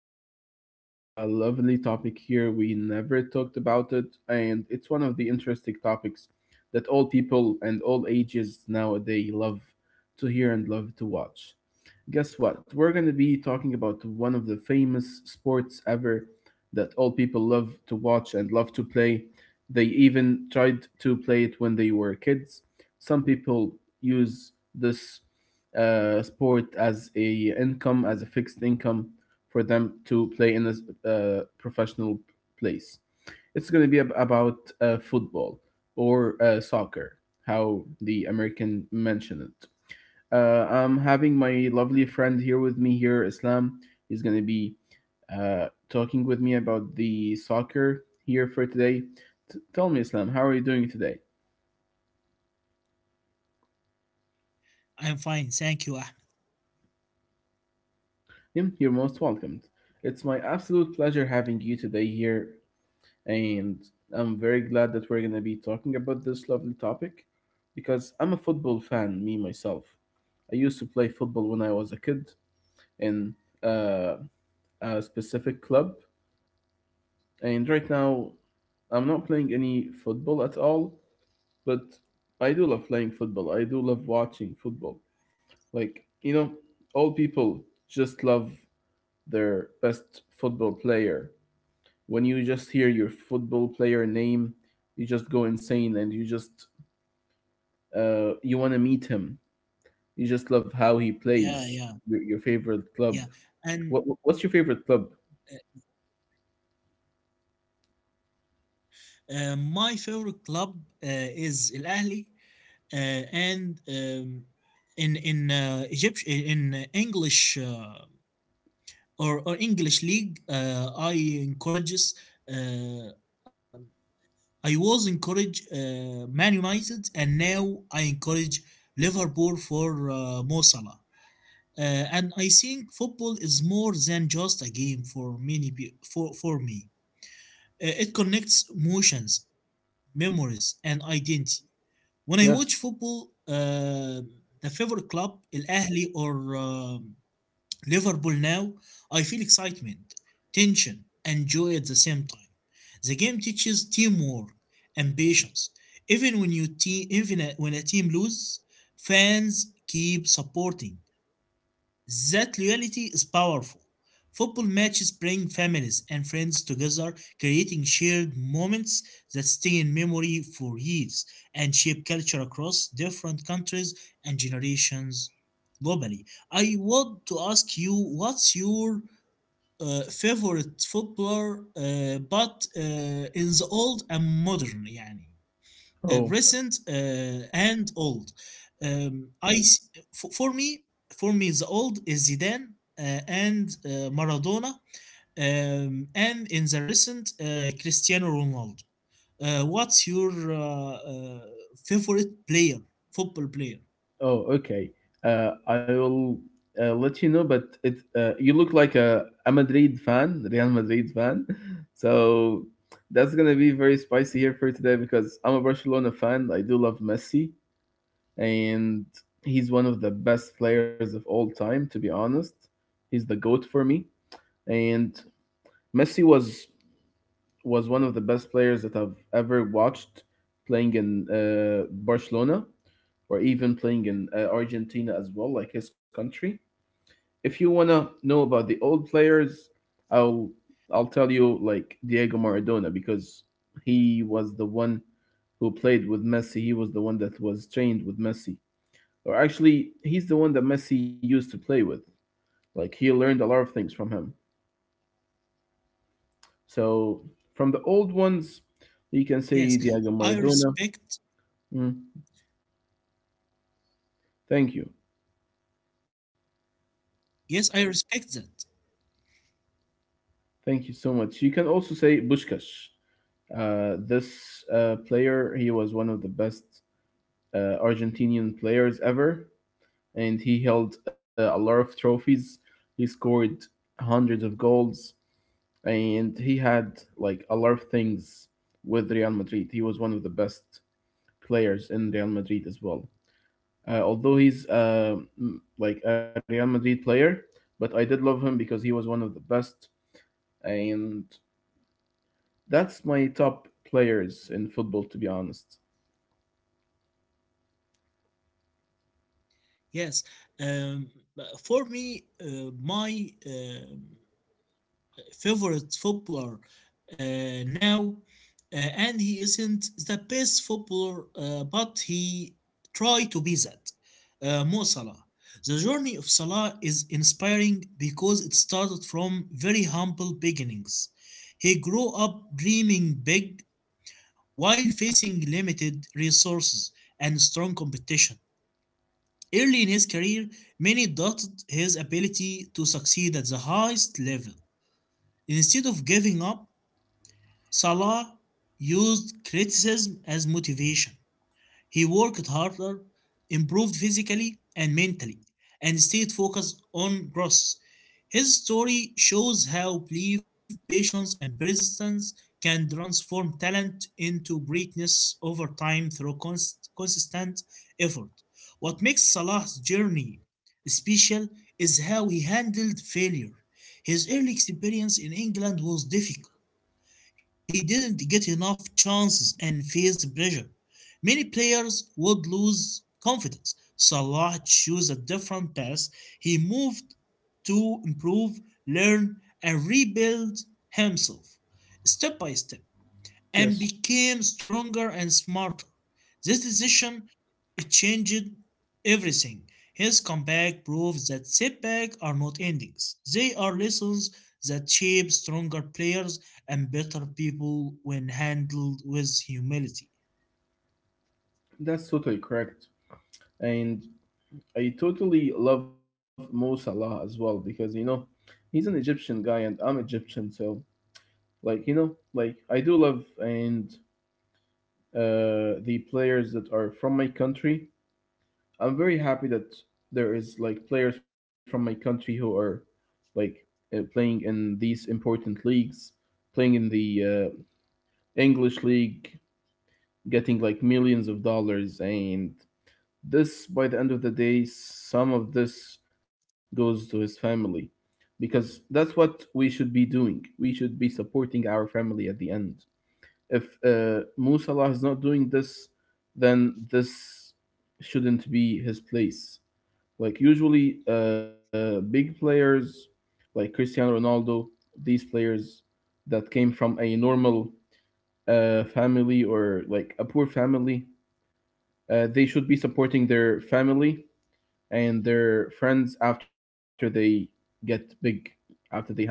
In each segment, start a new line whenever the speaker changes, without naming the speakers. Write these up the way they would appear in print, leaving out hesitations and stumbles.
going to be having a lovely topic here. We never talked about it, and it's one of the interesting topics that all people and all ages nowadays love to hear and love to watch. Guess what? We're going to be talking about one of the famous sports ever that all people love to watch and love to play. They even tried to play it when they were kids. Some people use this sport as a income, as a fixed income for them to play in a professional place. It's going to be about football or soccer, how the American mention it. I'm having my lovely friend here with me here, Islam. He's going to be talking with me about the soccer here for today. Tell me, Islam, how are you doing today?
I'm fine, thank you, Ahmed.
Him, you're most welcomed. It's my absolute pleasure having you today here, and I'm very glad that we're going to be talking about this lovely topic because I'm a football fan, me myself. I used to play football when I was a kid in uh, a specific club. And right now, I'm not playing any football at all, but I do love playing football. I do love watching football. Like, you know, all people just love their best football player. When you just hear your football player name, you just go insane and you just you want to meet him. You just love how he
Yeah,
plays.
yeah,
Your favorite club.
yeah.
What
And
what's your favorite club?
my favorite club uh, is Al Ahly, uh, and in Egypt in English or English league, I encourages. Uh, I was encourage Man United, and now I encourage Liverpool for Mo Salah. And I think football is more than just a game for many peo- for me. It connects emotions, memories, and identity. When I watch football,
Yes.
the favorite club, Al Ahly or Liverpool now, I feel excitement, tension, and joy at the same time. The game teaches teamwork and patience. Even when you te- even a- when a team loses, fans keep supporting. That loyalty is powerful. Football matches bring families and friends together, creating shared moments that stay in memory for years and shape culture across different countries and generations globally. I want to ask you what's your favorite footballer, but in the old and modern, يعني recent
Oh,
and old. I for, for me, for me, the old is Zidane uh, and Maradona, and in the recent, Cristiano Ronaldo. What's your favorite football player?
oh, okay. I will let you know, but it you look like a Madrid fan, Real Madrid fan. So that's gonna be very spicy here for today because I'm a Barcelona fan. I do love Messi, and he's one of the best players of all time. To be honest, he's the goat for me. And Messi was one of the best players that I've ever watched playing in Barcelona or even playing in Argentina as well, like his country. If you wanna know about the old players, I'll I'll tell you like Diego Maradona because he was the one who played with Messi. He was the one that was trained with Messi, or actually, he's the one that Messi used to play with. Like he learned a lot of things from him. So from the old ones, you can
Yes,
say Diego
I
Maradona.
respect.
Mm, thank you,
Yes, I respect that.
thank you so much. You can also say Bushkash. This player, he was one of the best Argentinian players ever, and he held a lot of trophies. He scored hundreds of goals, and he had like a lot of things with Real Madrid. He was one of the best players in Real Madrid as well. Although he's like a Real Madrid player, but I did love him because he was one of the best, and that's my top players in football, to be honest.
Yes, um, but for me, my favorite footballer now, and he isn't the best footballer, but he tried to be that. Mo Salah. The journey of Salah is inspiring because it started from very humble beginnings. He grew up dreaming big, while facing limited resources and strong competition. Early in his career, many doubted his ability to succeed at the highest level. Instead of giving up, Salah used criticism as motivation. He worked harder, improved physically and mentally, and stayed focused on growth. His story shows how belief, patience, and persistence can transform talent into greatness over time through consistent effort. What makes Salah's journey special is how he handled failure. His early experience in England was difficult. He didn't get enough chances and faced pressure. Many players would lose confidence. Salah chose a different path. He moved to improve, learn, and rebuild himself step by step and
Yes,
became stronger and smarter. This decision, it changed everything. His comeback proves that setbacks are not endings. They are lessons that shape stronger players and better people when handled with humility.
that's totally correct. And I totally love Mo Salah as well because, you know, he's an Egyptian guy and I'm Egyptian. So, like, you know, like I do love and the players that are from my country. I'm very happy that there is like players from my country who are like playing in these important leagues, playing in the English league, getting like millions of dollars and this, by the end of the day, some of this goes to his family because that's what we should be doing. We should be supporting our family at the end. If Mo Salah is not doing this, then this shouldn't be his place. Like usually, big players like Cristiano Ronaldo, these players that came from a normal family or like a poor family, they should be supporting their family and their friends after they get big, after they have money.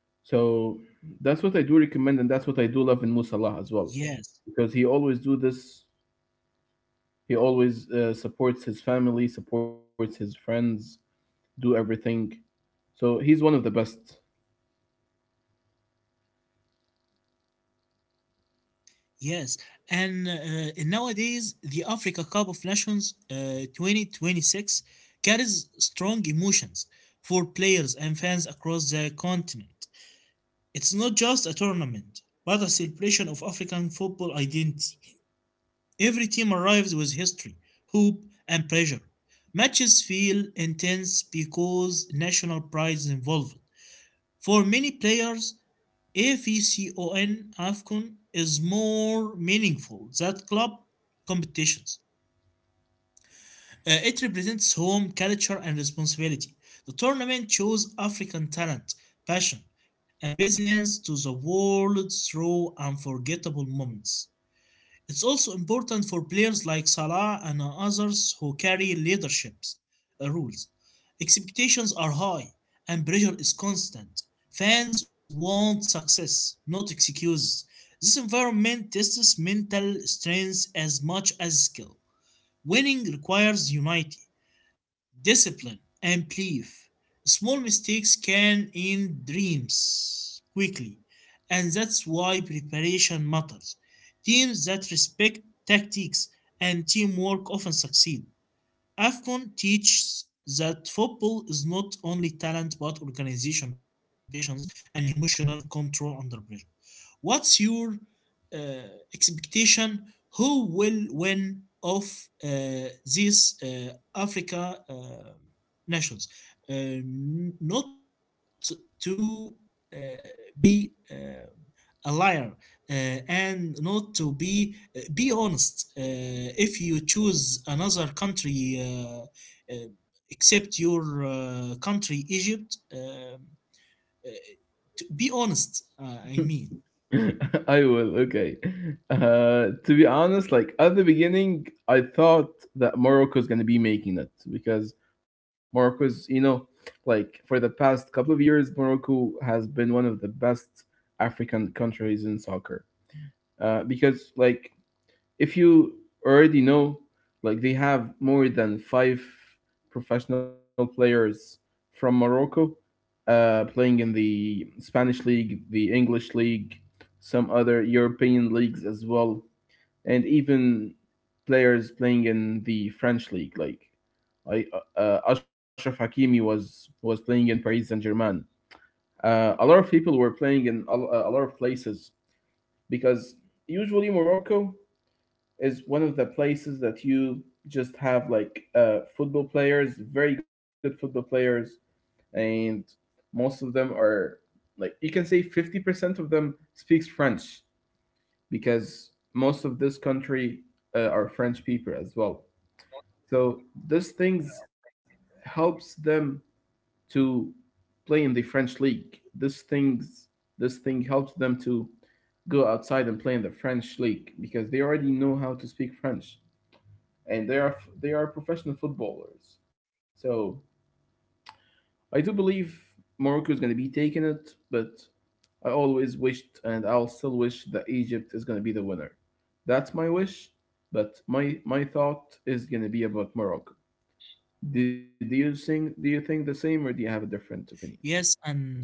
So that's what I do recommend, and that's what I do love in Musalah as well,
Yes,
because he always do this. He always supports his family, supports his friends, do everything. So he's one of the best.
yes. And nowadays, the Africa Cup of Nations 2026 carries strong emotions for players and fans across the continent. It's not just a tournament, but a celebration of African football identity. Every team arrives with history, hope, and pressure. Matches feel intense because national pride is involved. For many players, AFCON is more meaningful than club competitions. It represents home, culture, and responsibility. The tournament shows African talent, passion, and resilience to the world through unforgettable moments. It's also important for players like Salah and others who carry leaderships rules. Expectations are high and pressure is constant. Fans want success, not excuses. This environment tests mental strength as much as skill. Winning requires unity, discipline, and belief. Small mistakes can end dreams quickly, and that's why preparation matters. Teams that respect tactics and teamwork often succeed. AFCON teaches that football is not only talent but organization, patience, and emotional control under pressure. What's your uh, expectation? Who will win of uh, these Africa nations? Not to uh, be a liar and not to be honest if you choose another country uh, except your country Egypt, uh, to be honest, I mean
I will. Okay. To be honest, like at the beginning, I thought that Morocco is gonna be making it because Morocco's, you know, like for the past couple of years, Morocco has been one of the best African countries in soccer. Because like if you already know, like they have more than five professional players from Morocco, playing in the Spanish league, the English league, some other European leagues as well, and even players playing in the French league. Like I, Ashraf Hakimi was playing in Paris Saint Germain. A lot of people were playing in a lot of places because usually Morocco is one of the places that you just have like football players, very good football players, and most of them are like you can say 50% of them speaks french because most of this country are french people as well, so this things helps them to play in the french league, this thing helps them to go outside and play in the french league because they already know how to speak french, and they are professional footballers. So I do believe morocco is going to be taking it, but I always wished, and I'll still wish, that Egypt is going to be the winner. That's my wish, but my thought is going to be about Morocco. Do you think the same, or do you have a different opinion?
yes and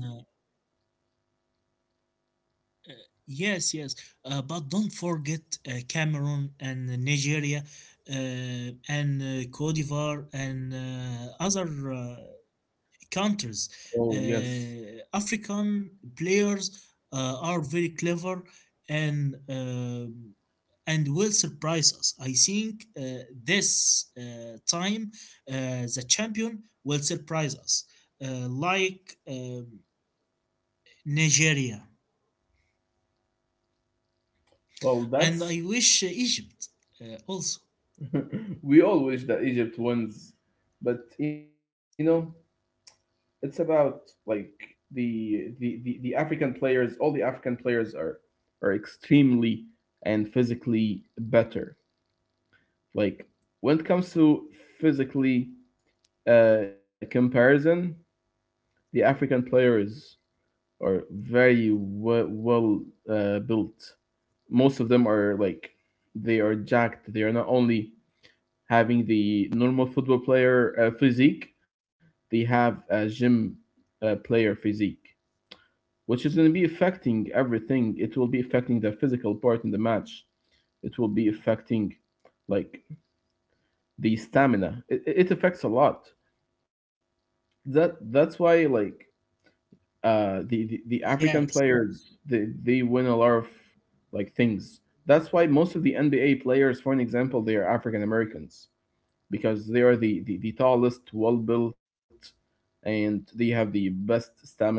yes, yes. But don't forget Cameroon and Nigeria uh, and Cote d'Ivoire and other uh, countries.
Oh yes.
African players are very clever and and will surprise us. I think this time the champion will surprise us, like Nigeria. And
Well,
I wish
that's
Egypt also.
we all wish that Egypt wins, but you know it's about like the African players. All the African players are extremely and physically better. Like when it comes to physically comparison, the African players are very well built. Most of them are like they are jacked. They are not only having the normal football player physique, they have a gym player physique, which is going to be affecting everything. It will be affecting the physical part in the match. It will be affecting like the stamina. It affects a lot. That that's why like uh the,
Yes,
the the African players they win a lot of like things. That's why most of the NBA players, for an example, they are African Americans because they are the tallest, well built, and they have the best stamina,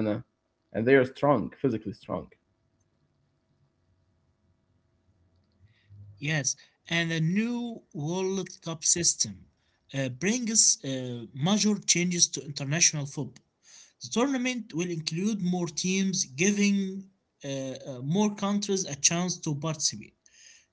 and they are strong, physically strong.
yes. And the new World Cup system brings major changes to international football. The tournament will include more teams, giving uh, more countries a chance to participate.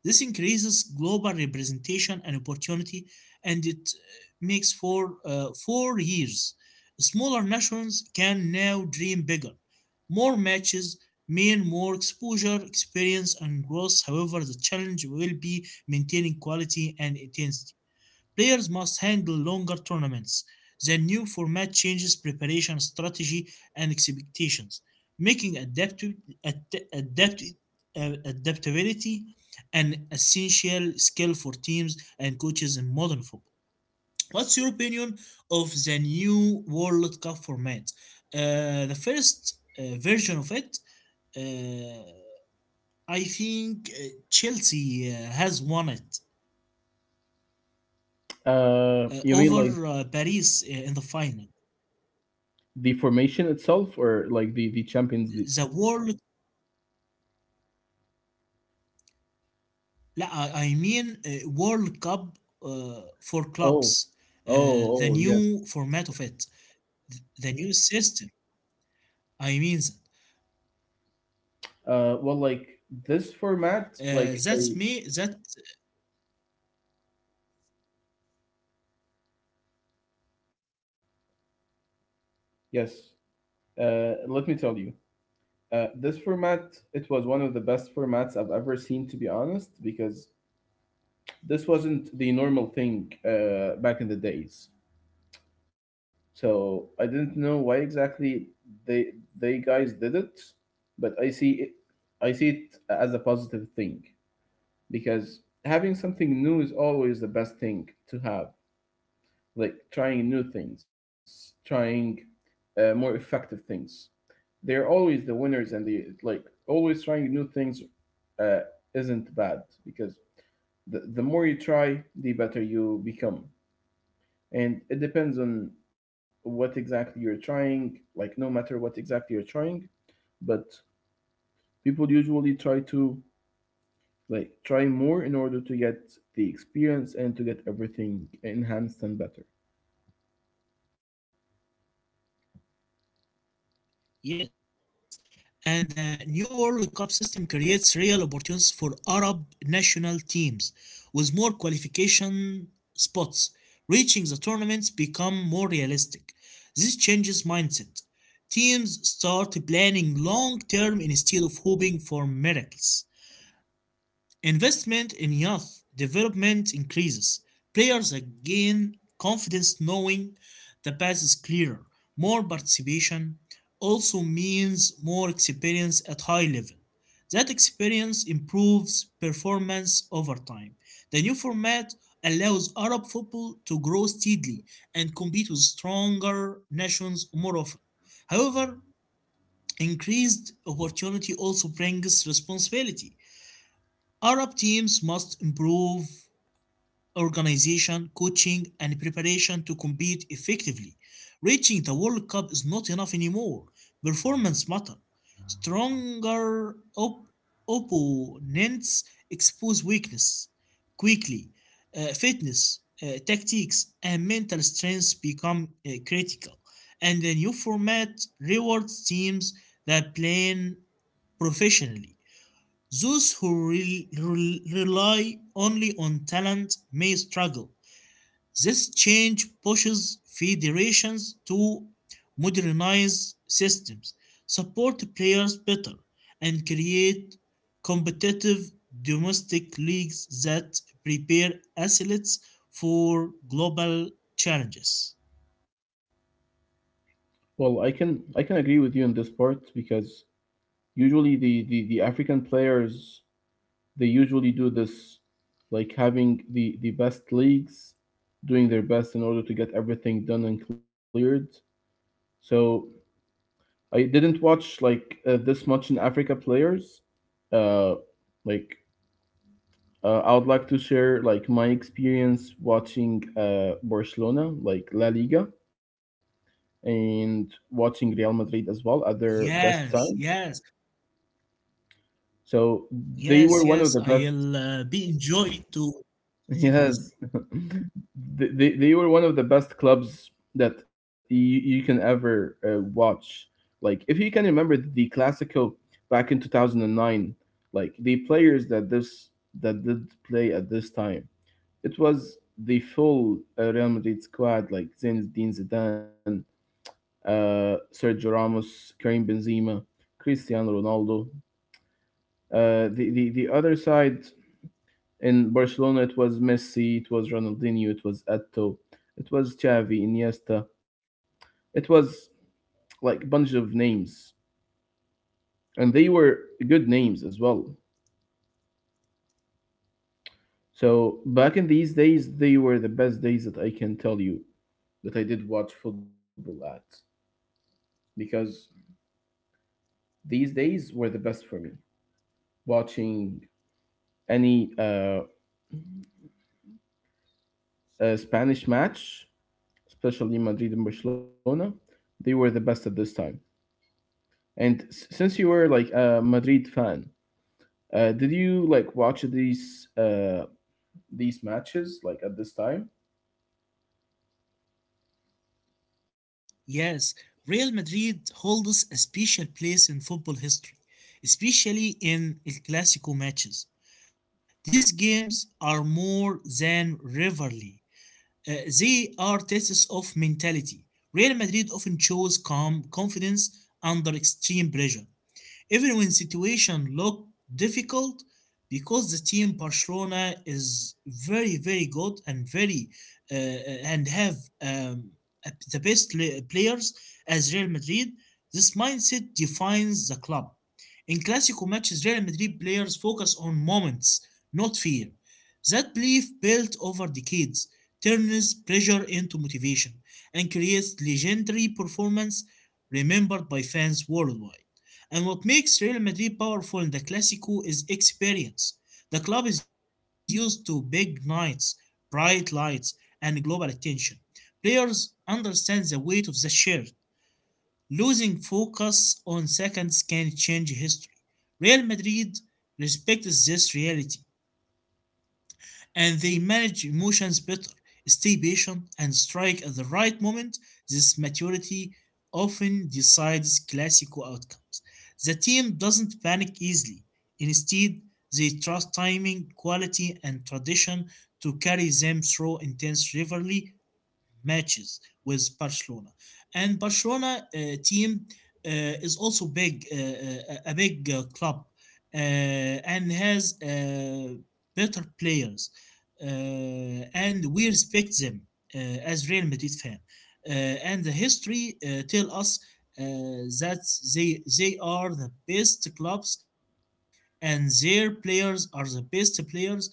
This increases global representation and opportunity, and it makes for 4 years. Smaller nations can now dream bigger. More matches mean more exposure, experience, and growth. However, the challenge will be maintaining quality and intensity. Players must handle longer tournaments. The new format changes preparation strategy and expectations, making adaptability an essential skill for teams and coaches in modern football. What's your opinion of the new World Cup format? The first version of it, uh, I think Chelsea has won it
You mean
over
like
Paris in the final.
the formation itself, or like the champions? The
The World? لا I mean World Cup for clubs,
oh,
uh, the
oh,
new
yes.
format of it, the new system, I mean that.
Well, like this format,
That's me
like
that.
I yes. Let me tell you. This format, it was one of the best formats I've ever seen, to be honest, because this wasn't the normal thing back in the days. So I didn't know why exactly they guys did it, but I see it as a positive thing because having something new is always the best thing to have. Like trying new things, trying more effective things. They're always the winners, and the like always trying new things uh, isn't bad because the more you try, the better you become. And it depends on what exactly you're trying, like, no matter what exactly you're trying, but people usually try to like try more in order to get the experience and to get everything enhanced and better.
Yes, and the new World Cup system creates real opportunities for Arab national teams with more qualification spots. Reaching the tournaments become more realistic. This changes mindset. Teams start planning long term instead of hoping for miracles. Investment in youth development increases. Players gain confidence knowing the path is clearer. More participation also means more experience at high level. That experience improves performance over time. The new format allows Arab football to grow steadily and compete with stronger nations more often. However, increased opportunity also brings responsibility. Arab teams must improve organization, coaching, and preparation to compete effectively. Reaching the World Cup is not enough anymore. Performance matters. Stronger opponents expose weakness quickly. Fitness, tactics, and mental strength become critical. And the new format rewards teams that play professionally. Those who rely only on talent may struggle. This change pushes federations to modernize systems, support players better, and create competitive domestic leagues that prepare athletes for global challenges.
Well, i can agree with you on this part because usually the african players they usually do this, like having the best leagues, doing their best in order to get everything done and cleared. So I didn't watch like this much in Africa players. Uh, like I would like to share like my experience watching Barcelona, like La Liga, and watching Real Madrid as well at their best time.
Yes, yes,
So they were
yes,
one of
yes.
the best.
I'll be enjoyed to speak about that.
Yes, they were one of the best clubs that you can ever watch. Like if you can remember the Classico back in 2009, like the players that this that did play at this time, it was the full Real Madrid squad like Zinedine Zidane, Sergio Ramos, Karim Benzema, Cristiano Ronaldo. The other side in Barcelona, it was Messi, it was Ronaldinho, it was Eto'o, it was Xavi, Iniesta. It was like a bunch of names, and they were good names as well. So back in these days, they were the best days that I can tell you that I did watch football at because these days were the best for me. Watching any Spanish match, especially Madrid and Barcelona, they were the best at this time. Since you were like a Madrid fan, did you like watch these these matches like at this time?
Yes, Real Madrid holds a special place in football history, especially in El Clasico matches. These games are more than rivalry. Uh, they are tests of mentality. Real Madrid often shows calm confidence under extreme pressure even when situation look difficult because the team Barcelona is very very good and very and have um, the best players as Real Madrid. This mindset defines the club. In classical matches, Real Madrid players focus on moments, not fear. That belief built over decades turns pressure into motivation and creates legendary performance remembered by fans worldwide. And what makes Real Madrid powerful in the Clasico is experience. The club is used to big nights, bright lights, and global attention. Players understand the weight of the shirt. Losing focus on seconds can change history. Real Madrid respects this reality, and they manage emotions better, stay patient, and strike at the right moment. This maturity often decides classical outcomes. The team doesn't panic easily. Instead, they trust timing, quality, and tradition to carry them through intense rivalry matches with Barcelona. And Barcelona team uh, is also big, a big club, and has better players, and we respect them as Real Madrid fan. And the history tell us uh, that they are the best clubs and their players are the best players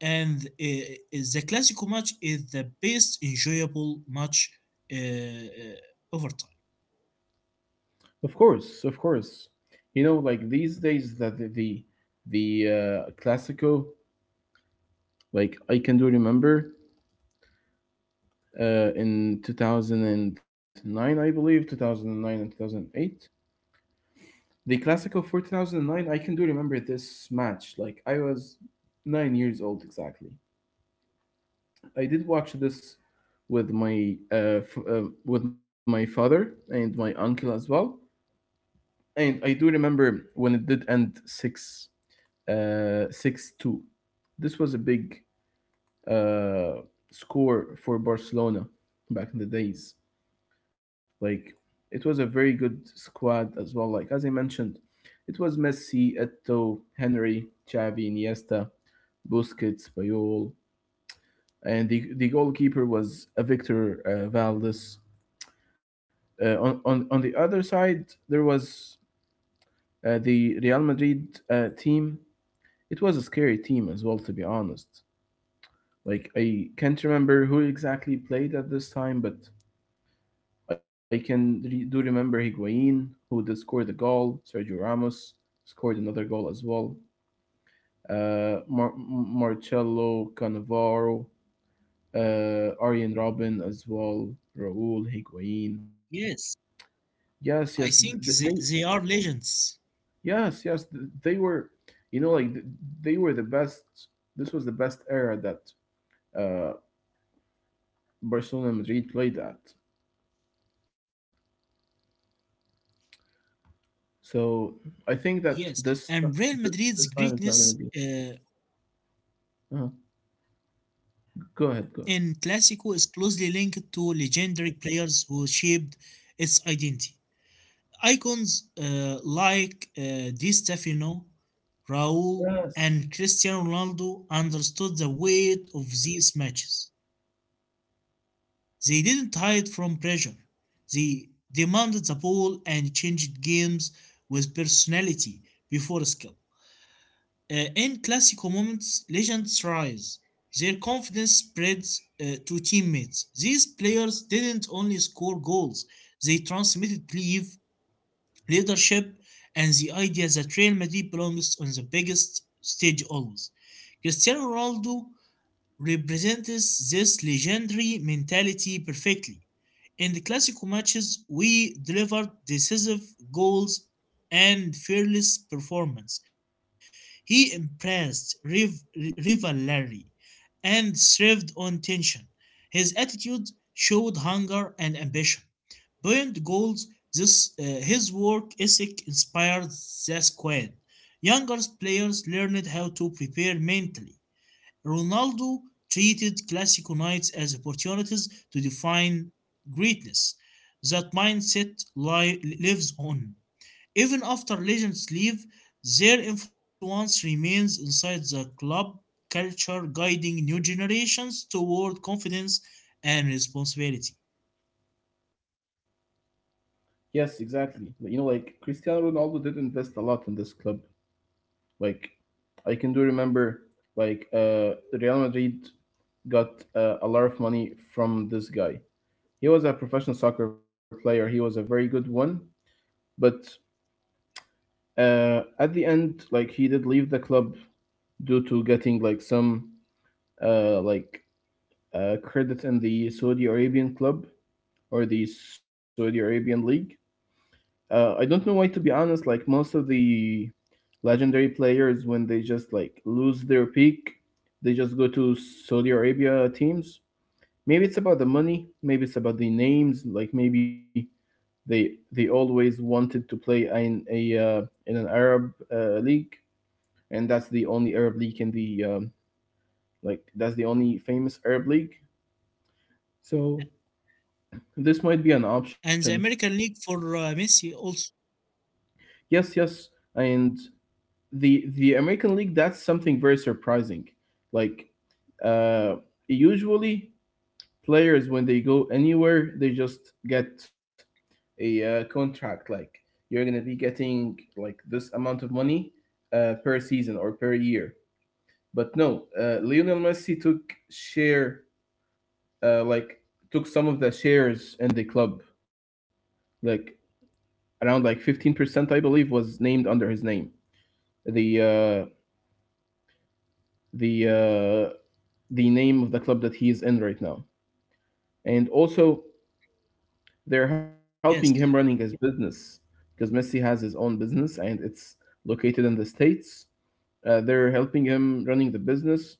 and is the classical match is the best enjoyable match over time.
Of course, of course. You know, like these days, the Classico, like I can do remember, in 2009, I believe, 2009 and 2008. The Classico for 2009, I can do remember this match. Like I was 9 years old exactly. I did watch this with my father and my uncle as well, and I do remember when it did end six two. This was a big uh, score for Barcelona back in the days. Like it was a very good squad as well. Like as I mentioned, it was Messi, Eto, Henry, Xavi, Iniesta, Busquets, Payol, and the goalkeeper was a Victor Valdes. On the other side, there was the Real Madrid team. It was a scary team as well, to be honest. Like, I can't remember who exactly played at this time, but I can re- do remember Higuain, who did score the goal. Sergio Ramos scored another goal as well. Marcelo Cannavaro, Arjen Robin as well, Raul Higuain.
Yes,
Yes, yes, th- th-
I
they
think they are legends.
Yes, yes, they were, you know, they were the best. This was the best era that uh, Barcelona and Madrid played at. So I think that
Yes, and Real
this
Madrid's
time is not going to
greatness
be. uh Go ahead, go ahead.
in Clásico is closely linked to legendary players who shaped its identity. Icons like Di Stefano, Raul, and
Yes,
Cristiano Ronaldo understood the weight of these matches. They didn't hide from pressure. They demanded the ball and changed games with personality before skill. In classical moments, legends rise. Their confidence spreads to teammates. These players didn't only score goals, they transmitted belief, leadership, and the idea that Real Madrid belongs on the biggest stage always. Cristiano Ronaldo represents this legendary mentality perfectly. In the classical matches, we delivered decisive goals and fearless performance. He impressed rivalry and thrived on tension. His attitude showed hunger and ambition. Beyond goals, his work ethic inspired the squad. Younger players learned how to prepare mentally. Ronaldo treated Classico nights as opportunities to define greatness. That mindset lives on. Even after legends leave, their influence remains inside the club culture, guiding new generations toward confidence and responsibility.
yes, exactly. Like, you know, like Cristiano Ronaldo did invest a lot in this club. Like I can do remember, like Real Madrid got a lot of money from this guy. He was a professional soccer player. He was a very good one, but at the end, like he did leave the club due to getting like some uh, like credit in the Saudi Arabian club or the Saudi Arabian league. I don't know why, to be honest. Like most of the legendary players, when they just like lose their peak, they just go to Saudi Arabia teams. Maybe it's about the money. Maybe it's about the names. Like maybe they always wanted to play in a in an Arab league, and that's the only Arab league in the like that's the only famous Arab league. So this might be an
And the
option.
American League for Messi also.
Yes, yes, and the American league, that's something very surprising. Like uh, usually players, when they go anywhere, they just get a contract like you're gonna be getting like this amount of money per season or per year. But no, Lionel Messi took share uh, like took some of the shares in the club. Like around like 15%, I believe, was named under his name. The uh, the uh, the name of the club that he is in right now, and also they're helping him
Yes,
running his business because Messi has his own business and it's located in the states. They're helping him running the business.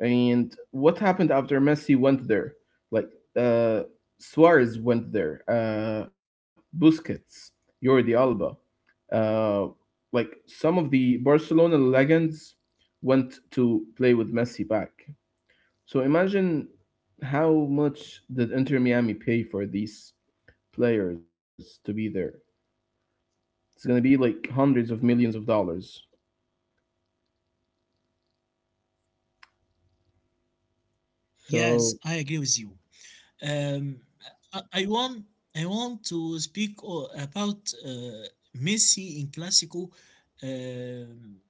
And what happened after Messi went there? Like uh, Suarez went there, Busquets, Jordi Alba, uh, like some of the Barcelona legends went to play with Messi back. So imagine how much did Inter Miami pay for these players to be there? It's gonna be like hundreds of millions of dollars. So
yes, I agree with you. Um, I want to speak about Messi in Clásico, um,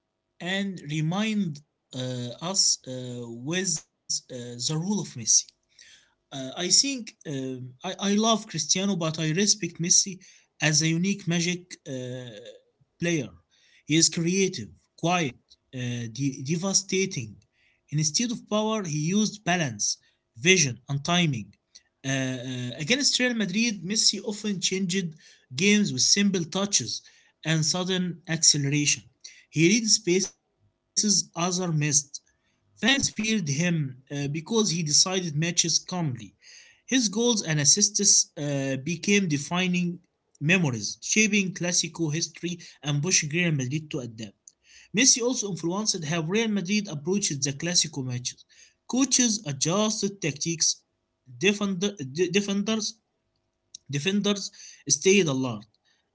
and remind us with uh, the role of Messi. I think I love Cristiano, but I respect Messi as a unique magic player. He is creative, quiet, devastating. Instead of power, he used balance, vision, and timing. Against Real Madrid, Messi often changed games with simple touches and sudden acceleration. He read spaces others missed. Fans feared him because he decided matches calmly. His goals and assists became defining memories, shaping Clasico history and pushing Real Madrid to adapt. Messi also influenced how Real Madrid approached the Clasico matches. Coaches adjusted tactics defender, defenders defenders stayed alert,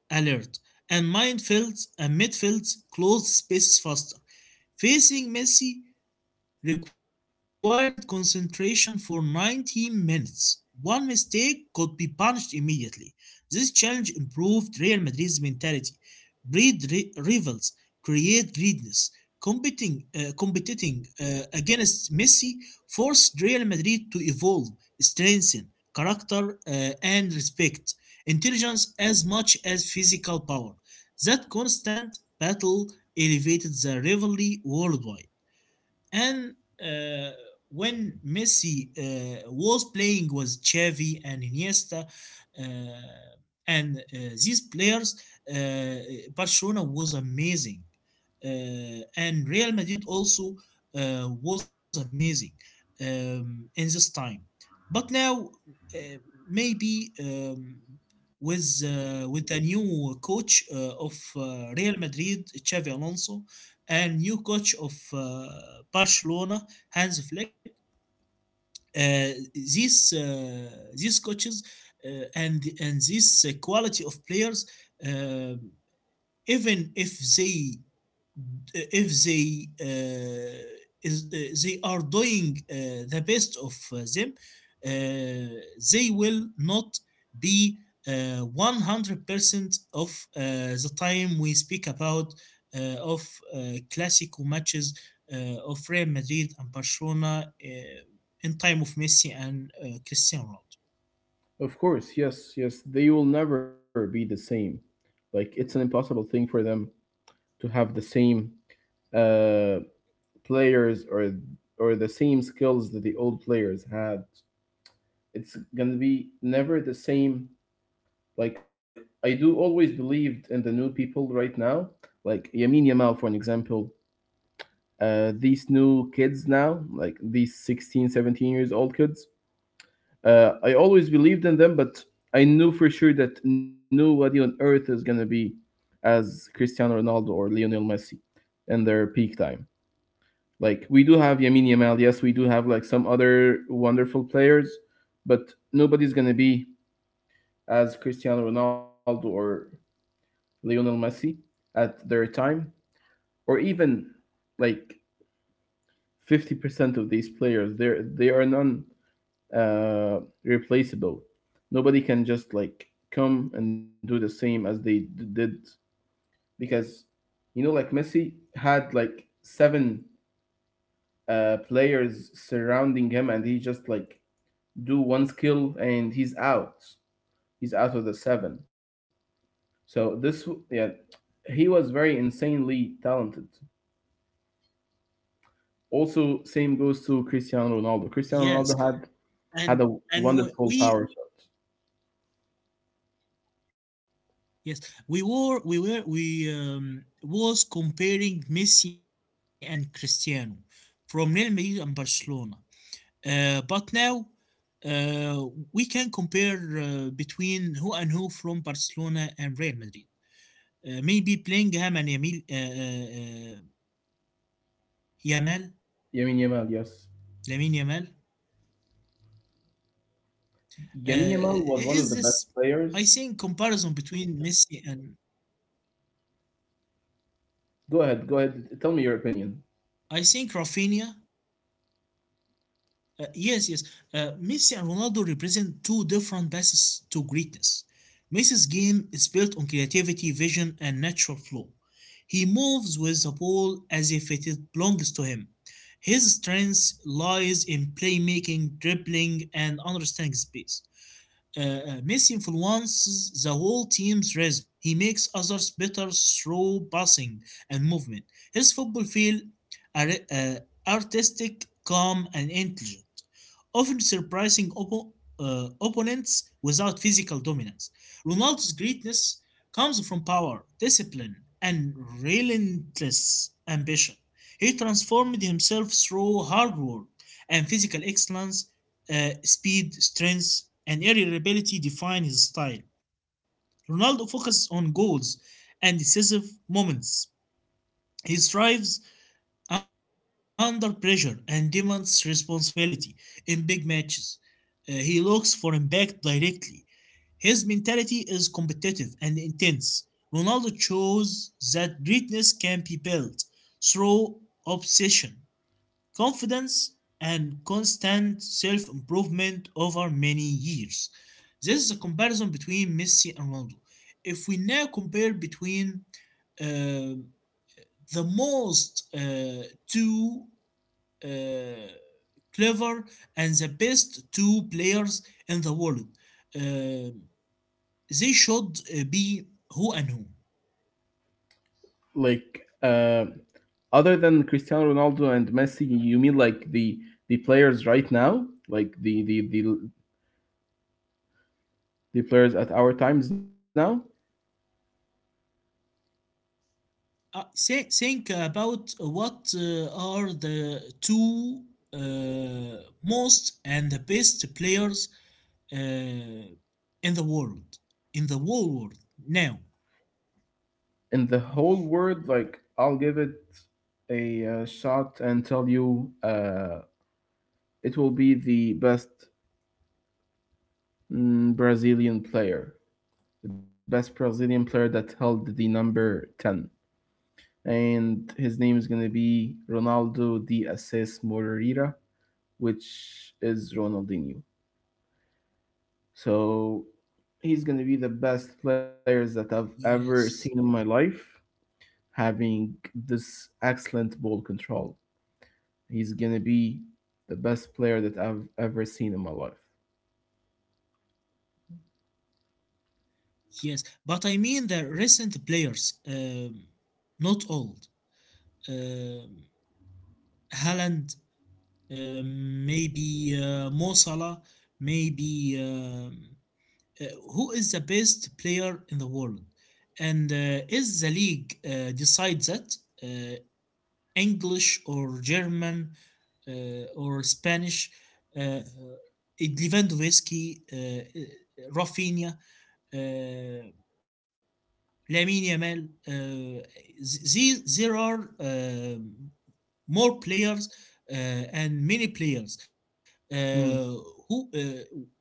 alert, and midfields closed spaces faster. Facing Messi required concentration for 90 minutes. One mistake could be punished immediately. This challenge improved Real Madrid's mentality, breed rivals, create greediness. Competing against Messi forced Real Madrid to evolve, strengthen character, and respect, intelligence as much as physical power. That constant battle elevated the rivalry worldwide. And uh, when Messi was playing with Xavi and Iniesta, and these players, uh, Barcelona was amazing, and Real Madrid also was amazing in this time. But now, uh, maybe with with the new coach of Real Madrid, Xavi Alonso, and new coach of Barcelona, Hans Flick. These these coaches and this quality of players um even if they if they uh, is they are doing the best of them uh, they will not be 100% of the time we speak about of classical matches of Real Madrid and Barcelona in time of Messi and Cristiano Ronaldo.
of course, yes, yes, they will never be the same. Like it's an impossible thing for them to have the same uh, players or the same skills that the old players had. It's gonna be never the same. Like I do always believed in the new people right now, like Yamin Yamal for an example. These new kids now, like these 16, 17 years old kids, I always believed in them, but I knew for sure that nobody on earth is gonna be as Cristiano Ronaldo or Lionel Messi in their peak time. Like we do have Yamin Yamal, yes, we do have like some other wonderful players, but nobody's gonna be as Cristiano Ronaldo or Lionel Messi at their time, or even like 50% of these players. There, they are none replaceable. Nobody can just like come and do the same as they did because you know like Messi had like seven players surrounding him and he just like do one skill and he's out. He's out of the seven. So, yeah, he was very insanely talented. Also, same goes to Cristiano Ronaldo. Cristiano Ronaldo
Yes,
had a
and
wonderful
and
power
we
shot.
yes, we were we were we was comparing Messi and Cristiano from Real Madrid and Barcelona. But now uh, we can compare between who and who from Barcelona and Real Madrid. Maybe Bellingham and Yamil, Yamal,
Yamin Yamal, yes.
Lamine Yamal. Uh,
Yamin Yamal was
is
one of the
this?
best
I
players.
think comparison between Messi and
Go ahead, go ahead. Tell me your opinion.
I think Rafinha. Yes, yes. Messi and Ronaldo represent two different paths to greatness. Messi's game is built on creativity, vision, and natural flow. He moves with the ball as if it belongs to him. His strength lies in playmaking, dribbling, and understanding space. Messi influences the whole team's rhythm. He makes others better through passing and movement. His football feel are- uh, artistic, calm, and intelligent, often surprising opponents without physical dominance. Ronaldo's greatness comes from power, discipline, and relentless ambition. He transformed himself through hard work and physical excellence speed, strength, and irritability define his style. Ronaldo focuses on goals and decisive moments. He thrives under pressure and demands responsibility in big matches. He looks for impact directly. His mentality is competitive and intense. Ronaldo shows that greatness can be built through obsession confidence, and constant self improvement over many years. This is a comparison between Messi and Ronaldo. If we now compare between uh, the most two uh, clever and the best two players in the world, uh, they should be who and who.
Like, other than Cristiano Ronaldo and Messi, you mean like the players right now, like the players at our times now
Say, think about what are the two most and the best players in the world, in the whole world now.
in the whole world? Like, I'll give it a shot and tell you, it will be the best Brazilian player, the best Brazilian player that held the number 10. And his name is going to be Ronaldo de Assis Moreira, which is Ronaldinho. So he's going to be the best players that I've ever seen in
Yes,
my life, having this excellent ball control. He's going to be the best player that I've ever seen in my life.
yes, but I mean the recent players, not old. Um Haaland, maybe Mo Salah, maybe. Uh, who is the best player in the world? And is the league decides that uh, English or German or Spanish? Uh, Lewandowski, Rafinha, uh, Lamine Yamal. These there are more players uh, and many players. Uh,
Mm,
who? What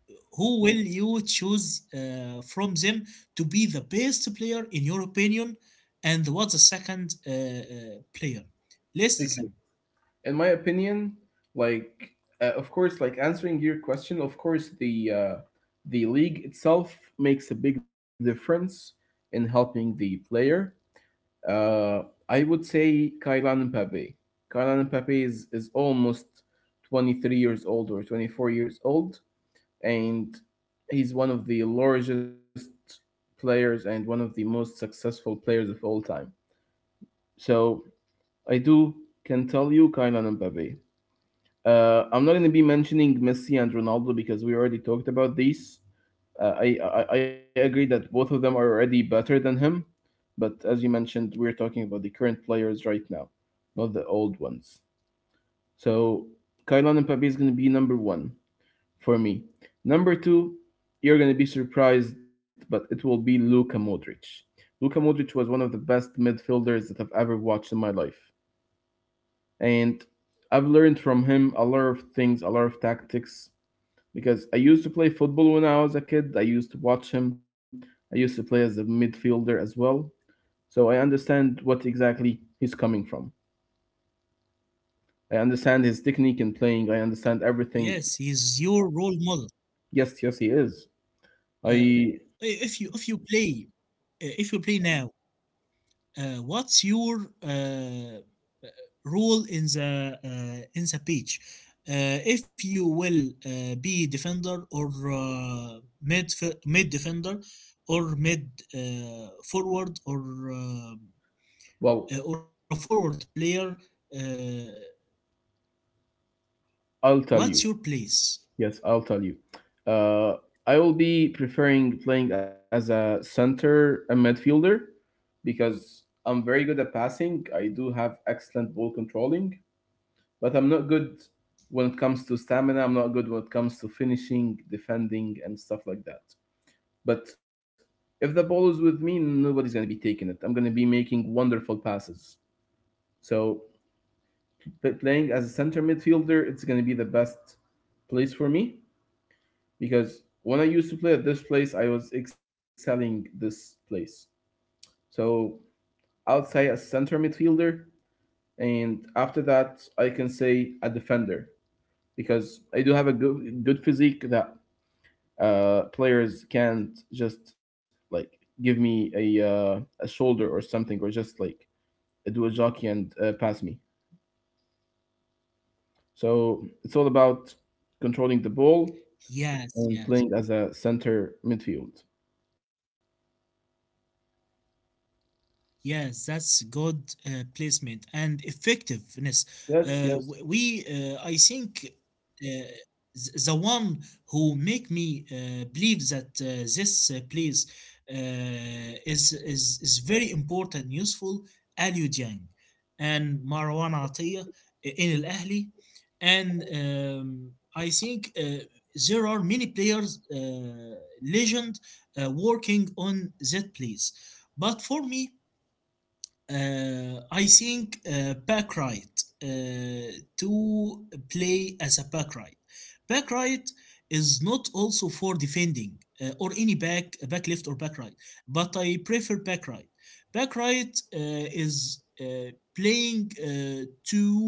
who will you choose from them to be the best player in your opinion and what's the second player list
Okay.
them.
In my opinion, like of course, like answering your question, of course, the league itself makes a big difference in helping the player. uh, I would say Kylian Mbappe. Kylian Mbappe is almost 23 years old or 24 years old, and he's one of the largest players and one of the most successful players of all time. So I do can tell you Kylian Mbappe. I'm not going to be mentioning Messi and Ronaldo because we already talked about these. I agree that both of them are already better than him, but as you mentioned, we're talking about the current players right now, not the old ones. So Kylian Mbappe is going to be number one for me. Number two, you're going to be surprised, but it will be Luka Modric. Luka Modric was one of the best midfielders that I've ever watched in my life, and I've learned from him a lot of things, a lot of tactics, because I used to play football when I was a kid. I used to watch him. I used to play as a midfielder as well. So I understand what exactly he's coming from. I understand his technique in playing. I understand
Yes, he is
everything.
your role model.
Yes, yes, he is.
uh,
I,
if you if you play now what's your role in the pitch? If you will be defender or uh, mid mid defender or mid forward or a
well,
forward player, uh, what's your
I'll tell
place?
you. Yes, I'll tell you. Uh, I will be preferring playing as a center, a midfielder, because I'm very good at passing. I do have excellent ball controlling, but I'm not good when it comes to stamina. I'm not good when it comes to finishing, defending, and stuff like that. But if the ball is with me, nobody's going to be taking it. I'm going to be making wonderful passes. So playing as a center midfielder, it's going to be the best place for me, because when I used to play at this place, I was excelling this place. So I'll say a center midfielder, and after that, I can say a defender, because I do have a good, good physique that players can't just like give me a a shoulder or something, or just like do a jockey and pass me. So it's all about controlling the ball
Yes, yes.
and playing as a center midfield.
Yes, that's good placement and effectiveness. Uh,
Yes, yes.
w- we, uh, I think, the one who make me believe that this place is is very important, useful. Ali Dieng and Marwan Atiyah in Al Ahli, and I think there are many players, legend, working on that place, but for me, I think back right uh, to play as a back right. Back right is not also for defending or any back left or back right, but I prefer back right. Back right is playing to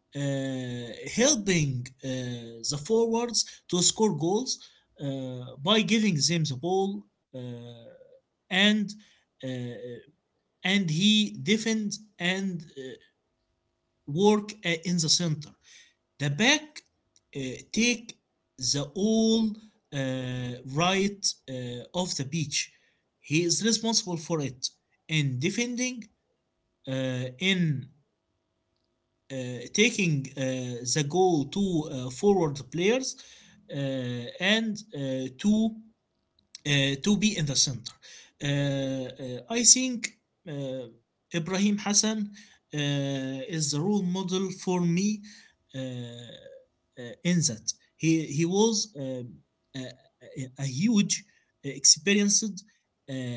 helping the forwards to score goals by giving them the ball uh, and uh, and he defends and work in the center. The back uh, take the all right of the beach. He is responsible for it in defending, in uh, taking the goal to forward players, uh, and to be in the center. I think uh, Ibrahim Hassan uh, is the role model for me in that he was a, a- huge, experienced,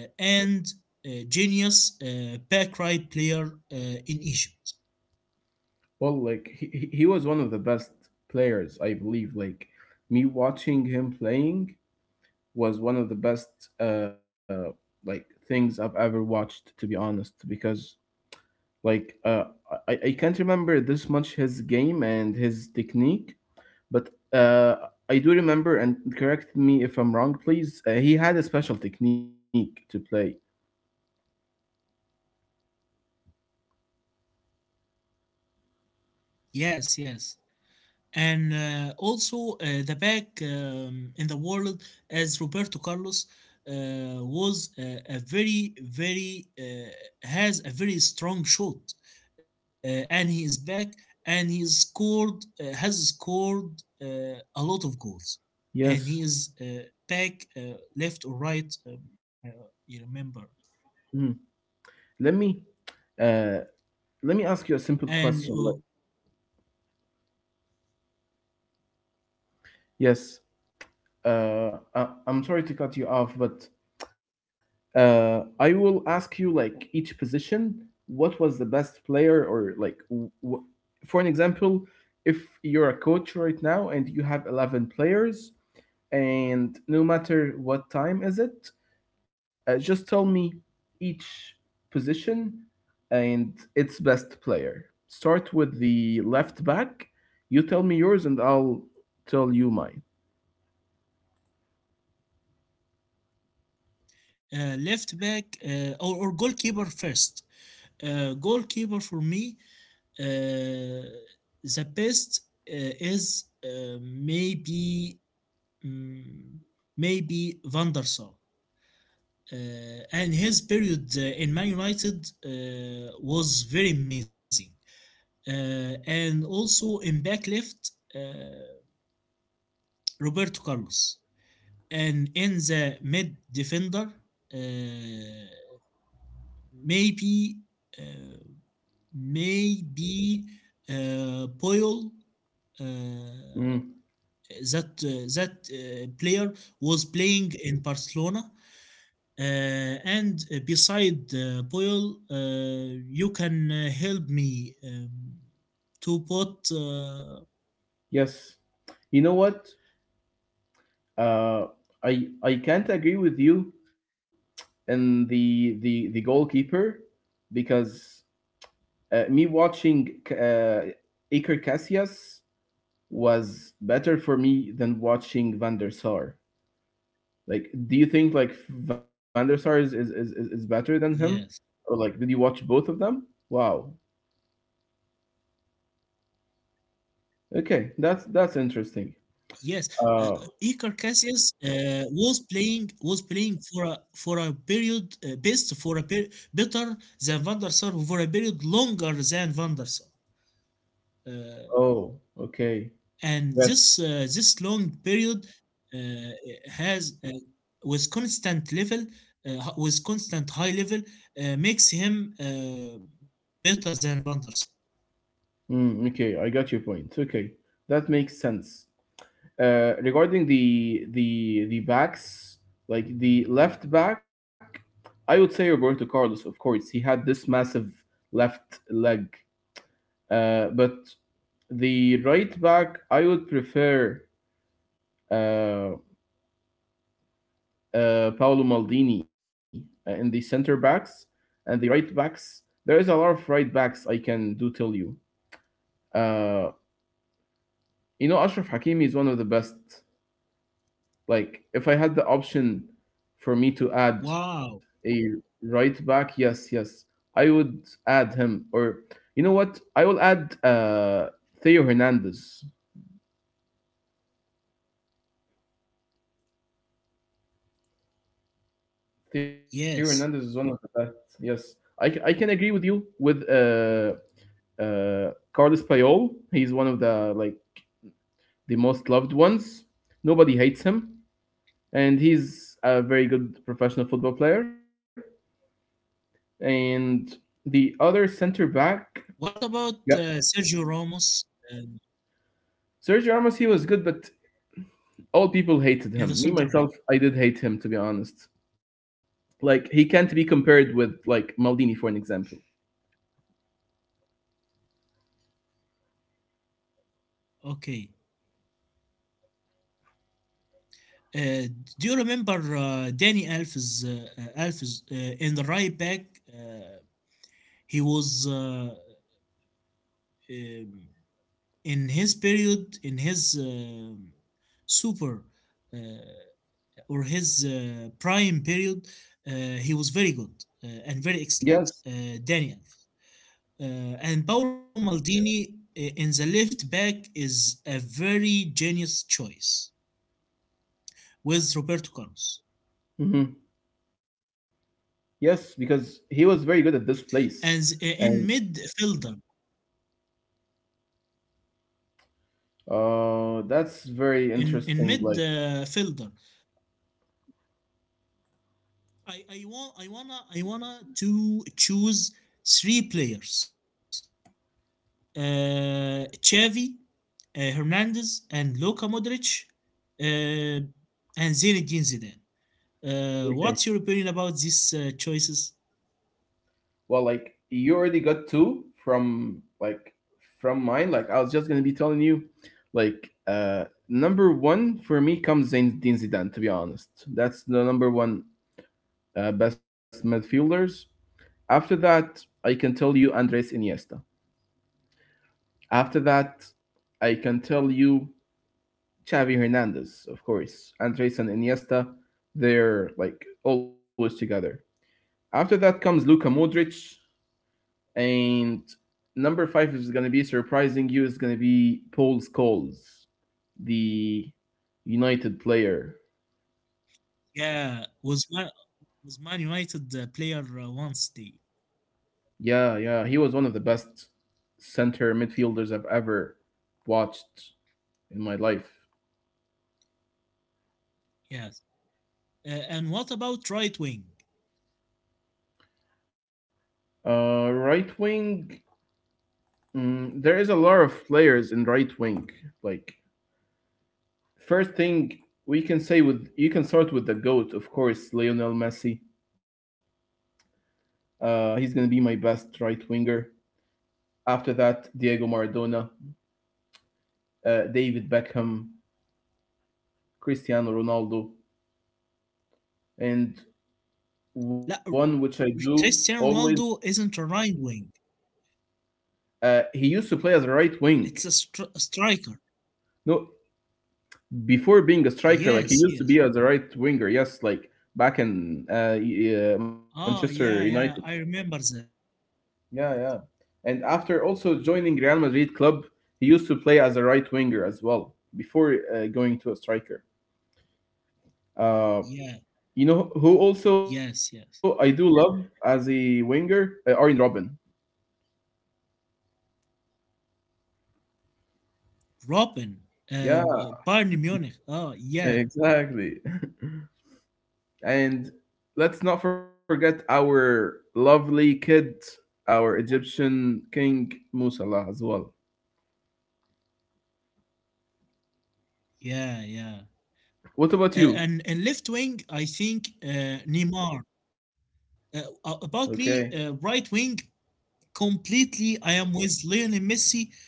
uh, and genius back right player in Egypt.
Well, like he was one of the best players, I believe. Like me watching him playing was one of the best like things I've ever watched, to be honest, because like I can't remember this much his game and his technique, but I do remember. And correct me if I'm wrong, please. He had a special technique to play.
Yes, yes. And also the back in the world as Roberto Carlos uh, was a very very has a very strong shot and he is back and he scored has scored a lot of goals and he
Yes.
is back left or right, uh, you remember?
Mhm. Let me uh, Let me ask you a simple question. Like,
And
yes. I'm sorry to cut you off, but I will ask you like each position, what was the best player, or, for an example, if you're a coach right now and you have 11 players, and no matter what time is it, just tell me each position and its best player. Start with the left back. You tell me yours, and I'll tell you mine.
left back or goalkeeper first, goalkeeper for me. Uh, the best is maybe mm, maybe Van der Sar. And his period in Man United was very amazing. And also in back left, Roberto Carlos. And in the mid defender, uh, maybe uh, maybe Poyol. Uh,
Mm,
that player was playing in Barcelona. And beside Boyle, you can help me to put.
Yes. You know what? Uh, I can't agree with you in the goalkeeper because me watching Iker Casillas was better for me than watching Van der Sar. Like, do you think like Van der Sar is is better than him,
Yes,
or like did you watch both of them? Wow. Okay, that's interesting.
yes. Uh,
Uh,
Iker Casillas was playing for a period best for a per- better than Van der Sar for a period longer than Van der Sar. Uh,
oh, okay.
and this
Yes.
this long period uh, has with constant level with constant high level makes him better than Van der Sar.
Okay, I got your point. Okay, that makes sense. Regarding the backs, like the left back, I would say Roberto Carlos. Of course, he had this massive left leg, but the right back, I would prefer uh, Paolo Maldini in the center backs and the right backs. There is a lot of right backs I can do tell you. Uh, Ashraf Hakimi is one of the best. Like if I had the option for me to add a
Wow.
right back, yes, yes, I would add him. Or you know what? I will add Theo Hernandez. Theo Hernandez is one
Yes.
of the best. Yes, I can agree with you with Carlos Payol. He's one of the, like, the most loved ones. Nobody hates him, and he's a very good professional football player. And the other center back.
What about
Yeah.
Sergio Ramos um,
Sergio Ramos, he was good, but all people
in the
hated him.
center
Me
back?
myself, I did hate him, to be honest. Like he can't be compared with like Maldini for an example.
Okay. Uh, do you remember Danny Alves? Alves in the right back, uh, he was um, in his period, in his super uh, or his prime period, uh, he was very good and very
Yes,
excellent. Daniel and Paolo Maldini in the left back is a very genius choice with Roberto Carlos.
hmm, yes, because he was very good at this place,
And
and
in midfielder,
that's
in
very
in
interesting. Like,
midfielder, I wanna to choose three players: Xavi, Hernandez, and Luka Modric, uh, and Zinedine Zidane. What's
okay,
your opinion about these choices?
well, like you already got two from, like, from mine. Like, I was just gonna be telling you, like, number one for me comes Zinedine Zidane. To be honest, that's the number one best midfielders. After that, I can tell you Andres Iniesta. After that, I can tell you Xavi Hernandez, of course. Andres and Iniesta, they're like always together. After that comes Luka Modric, and number five is going to be surprising you. Is going to be Paul Scholes, the United player.
Yeah, was Man United player once. The
Yeah, yeah, he was one of the best center midfielders I've ever watched in my life.
yes. And what about right wing?
Right wing, there is a lot of players in right wing. Like first thing we can say with you can start with the goat, of course, Lionel Messi. He's gonna be my best right winger. After that, Diego Maradona, David Beckham, Cristiano Ronaldo, and one which I
لا
do always.
Cristiano Ronaldo isn't a right wing.
He used to play as a right wing.
It's a, a striker.
No, before being a striker, like he used to be as a
Yes,
right
yes.
winger. Yes, like back in Manchester United.
Oh yeah, yeah. I remember
Yeah,
that.
yeah. And after also joining Real Madrid club, he used to play as a right winger as well before going to a striker. Uh,
Yeah.
you know who also I do
Yes, yes.
love as a winger, Arjen Robin.
Robin.
Yeah,
Bayern Munich. Oh yeah,
exactly. And let's not forget our lovely kid, our Egyptian king Mo Salah as well.
yeah, yeah.
What about you?
And left wing, I think Neymar.
Okay.
About me, right wing, completely. I am with Lionel Messi,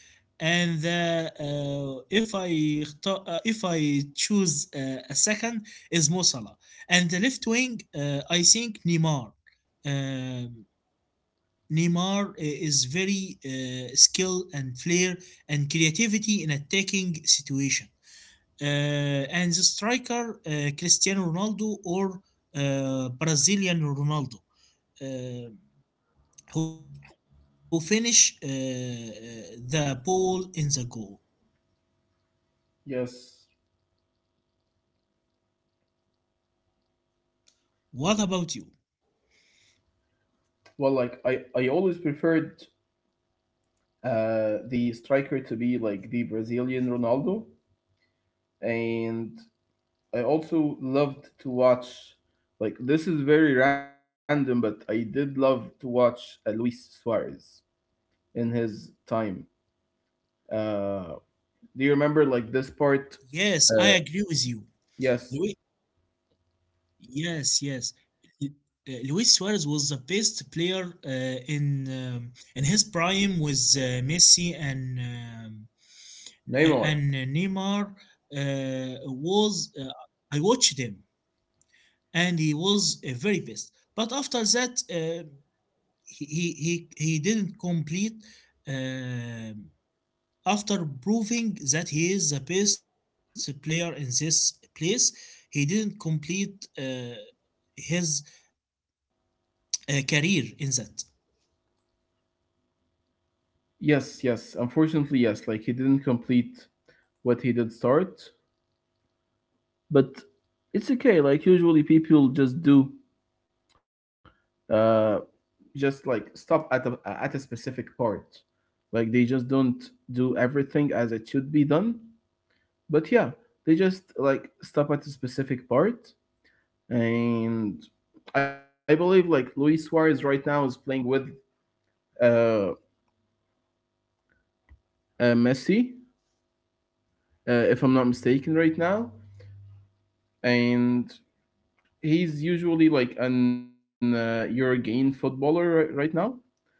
and if I if I choose a second is Mo Salah, and the left wing I think Neymar. Um Neymar is very skill and flair and creativity in attacking situation. And the striker Cristiano Ronaldo or Brazilian Ronaldo. uh who finish the ball in the goal.
Yes.
What about you?
Well, like I always preferred the striker to be like the Brazilian Ronaldo, and I also loved to watch. Like this is very random, but I did love to watch Luis Suarez in his time. Uh, do you remember like this part?
Yes, I
Uh,
agree with you.
yes,
Luis, yes, yes. Lu- Luis Suarez was the best player in his prime with Messi and
Neymar.
N- and Neymar. Was I watched him and he was very best. But after that, he, he didn't complete. um After proving that he is the best player in this place, he didn't complete his career in that.
Yes, yes. Unfortunately, yes. Like he didn't complete what he did start, but it's okay, like usually people just do uh just like stop at a specific part, like they just don't do everything as it should be done, but yeah, they just like stop at a specific part. And I believe like Luis Suarez right now is playing with uh, uh Messi, if I'm not mistaken right now. And he's usually like an eurogain footballer right now.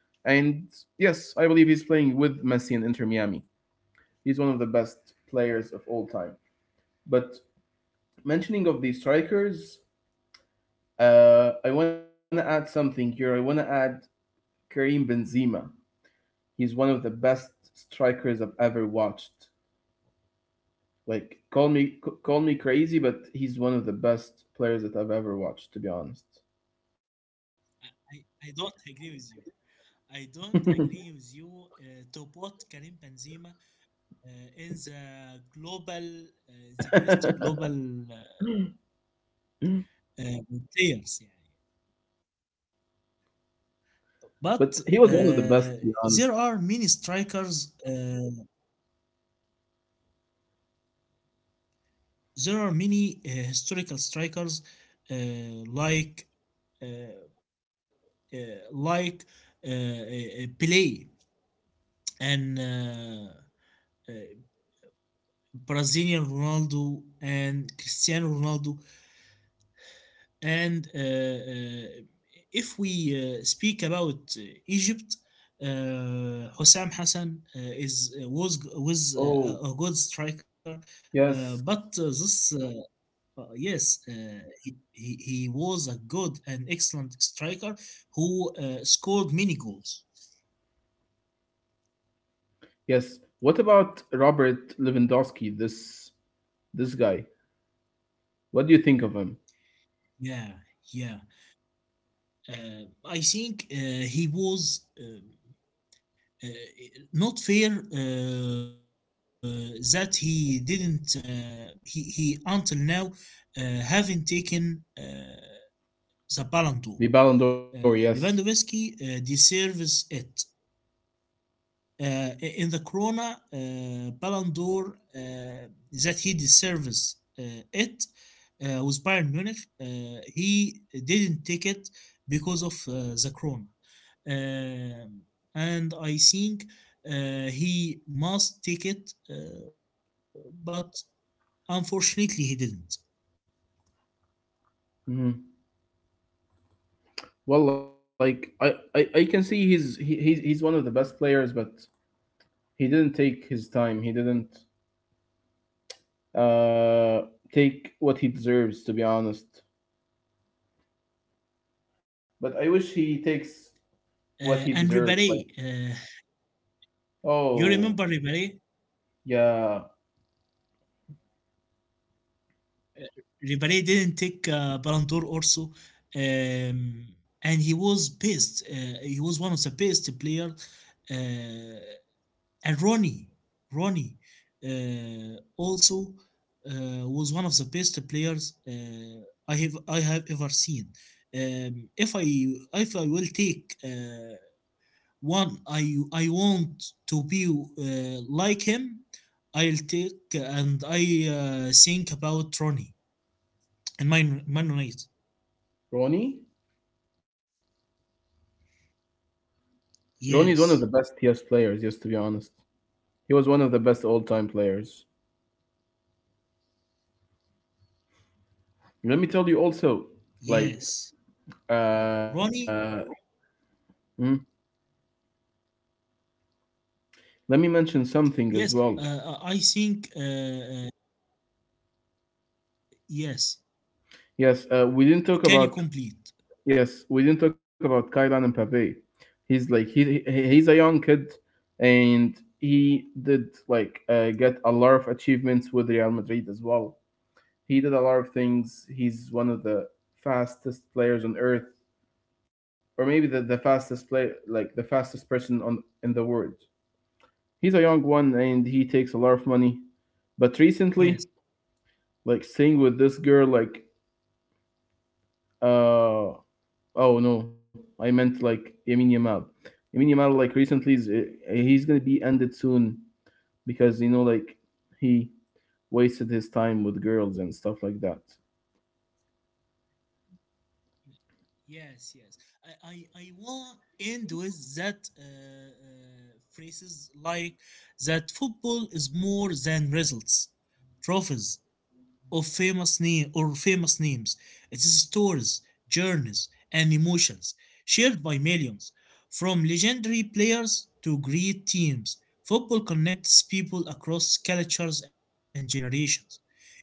And yes, I believe he's playing with Messi and Inter Miami. He's one of the best players of all time. But mentioning of the strikers, I want to add something here. I want to add Karim Benzema. He's one of the best strikers I've ever watched. Like call me crazy, but he's one of the best players that I've ever watched, to be honest.
I don't agree with you. I don't agree with you to put Karim Benzema in the global, uh, the best
But
global uh, players. Yeah.
he was
But
one of the best, to be honest.
there are many strikers. There are many historical strikers, uh, like uh, uh, like Pelé and uh, Brazilian Ronaldo and Cristiano Ronaldo. And if we speak about Egypt, uh, Hosam Hassan is was
Oh
a good striker, but
yes.
this yes, he, he was a good and excellent striker who scored many goals.
Yes. What about Robert Lewandowski? This guy. What do you think of him?
Yeah, yeah. I think he was. Uh, Not fair that he didn't he until now haven't taken the Ballon d'Or.
The Ballon d'Or,
Uh,
yes.
Lewandowski deserves it. In the Corona Ballon d'Or uh, that he deserves it with Bayern Munich, he didn't take it because of the Corona. Um, and I think he must take it, but unfortunately, he didn't.
Mhm. Well, like I can see he's he, he's one of the best players, but he didn't take his time. He didn't uh take what he deserves, to be honest. But I wish he takes
And
what he
Ribéry,
deserves. Like
you remember
oh
Ribéry?
yeah,
Ribéry didn't take Ballon d'Or also, um, and he was best. He was one of the best player uh, and Ronnie, Ronnie also was one of the best players I have ever seen. If I if I will take one I want to be like him, I'll take and I think about Ronnie and Man United.
Ronnie. Ronnie is one of the best
Yes,
TS players. Yes, to be honest, he was one of the best all time players. Let me tell you also,
yes,
like,
uh, Ronnie.
uh, mm, let me mention something
Yes,
as well.
I think yes.
Yes, we didn't talk
Can you
about.
complete?
Yes, we didn't talk about Kylian and Mbappe. He's like he's a young kid, and he did like get a lot of achievements with Real Madrid as well. He did a lot of things. He's one of the fastest players on earth, or maybe the fastest play like the fastest person on in the world. He's a young one, and he takes a lot of money. But
Yes.
recently, like seeing with this girl, like oh no, I meant like Yamin Yamal. Yamin Yamal, like recently, he's gonna be ended soon because, like he wasted his time with girls and stuff like that.
Yes, yes. I want end with that phrases like that football is more than results, trophies, of famous name or famous names. It is stories, journeys, and emotions shared by millions. From legendary players to great teams, football connects people across cultures and generations.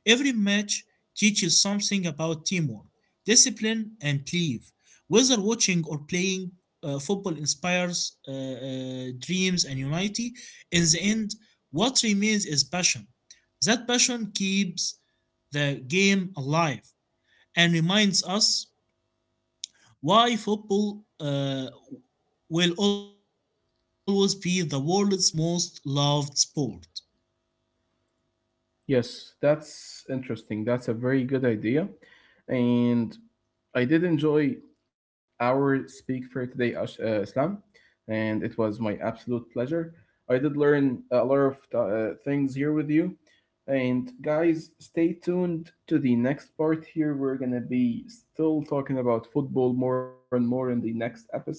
Every match teaches something about teamwork, discipline, and belief. Whether watching or playing, football inspires dreams and unity. In the end, what remains is passion. That passion keeps the game alive and reminds us why football will always be the world's most loved sport.
Yes, that's interesting. That's a very good idea, and I did enjoy our Speak for Today, Islam, and it was my absolute pleasure. I did learn a lot of things here with you. And guys, stay tuned to the next part here. We're going to be still talking about football more and more in the next episodes.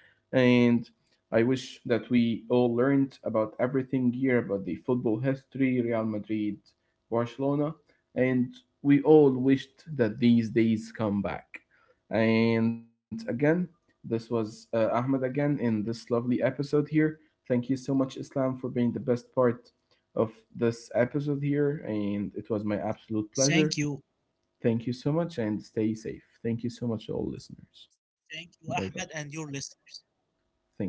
And I wish that we all learned about everything here about the football history, Real Madrid, Barcelona, and we all wished that these days come back. And again, this was Ahmed again in this lovely episode here. Thank you so much, Islam, for being the best part of this episode here, and it was my absolute
Thank you.
pleasure. Thank you so much, and stay safe. Thank you so much, to all listeners.
Thank
Bye
you,
bye.
Ahmed, and your listeners.
Thank you.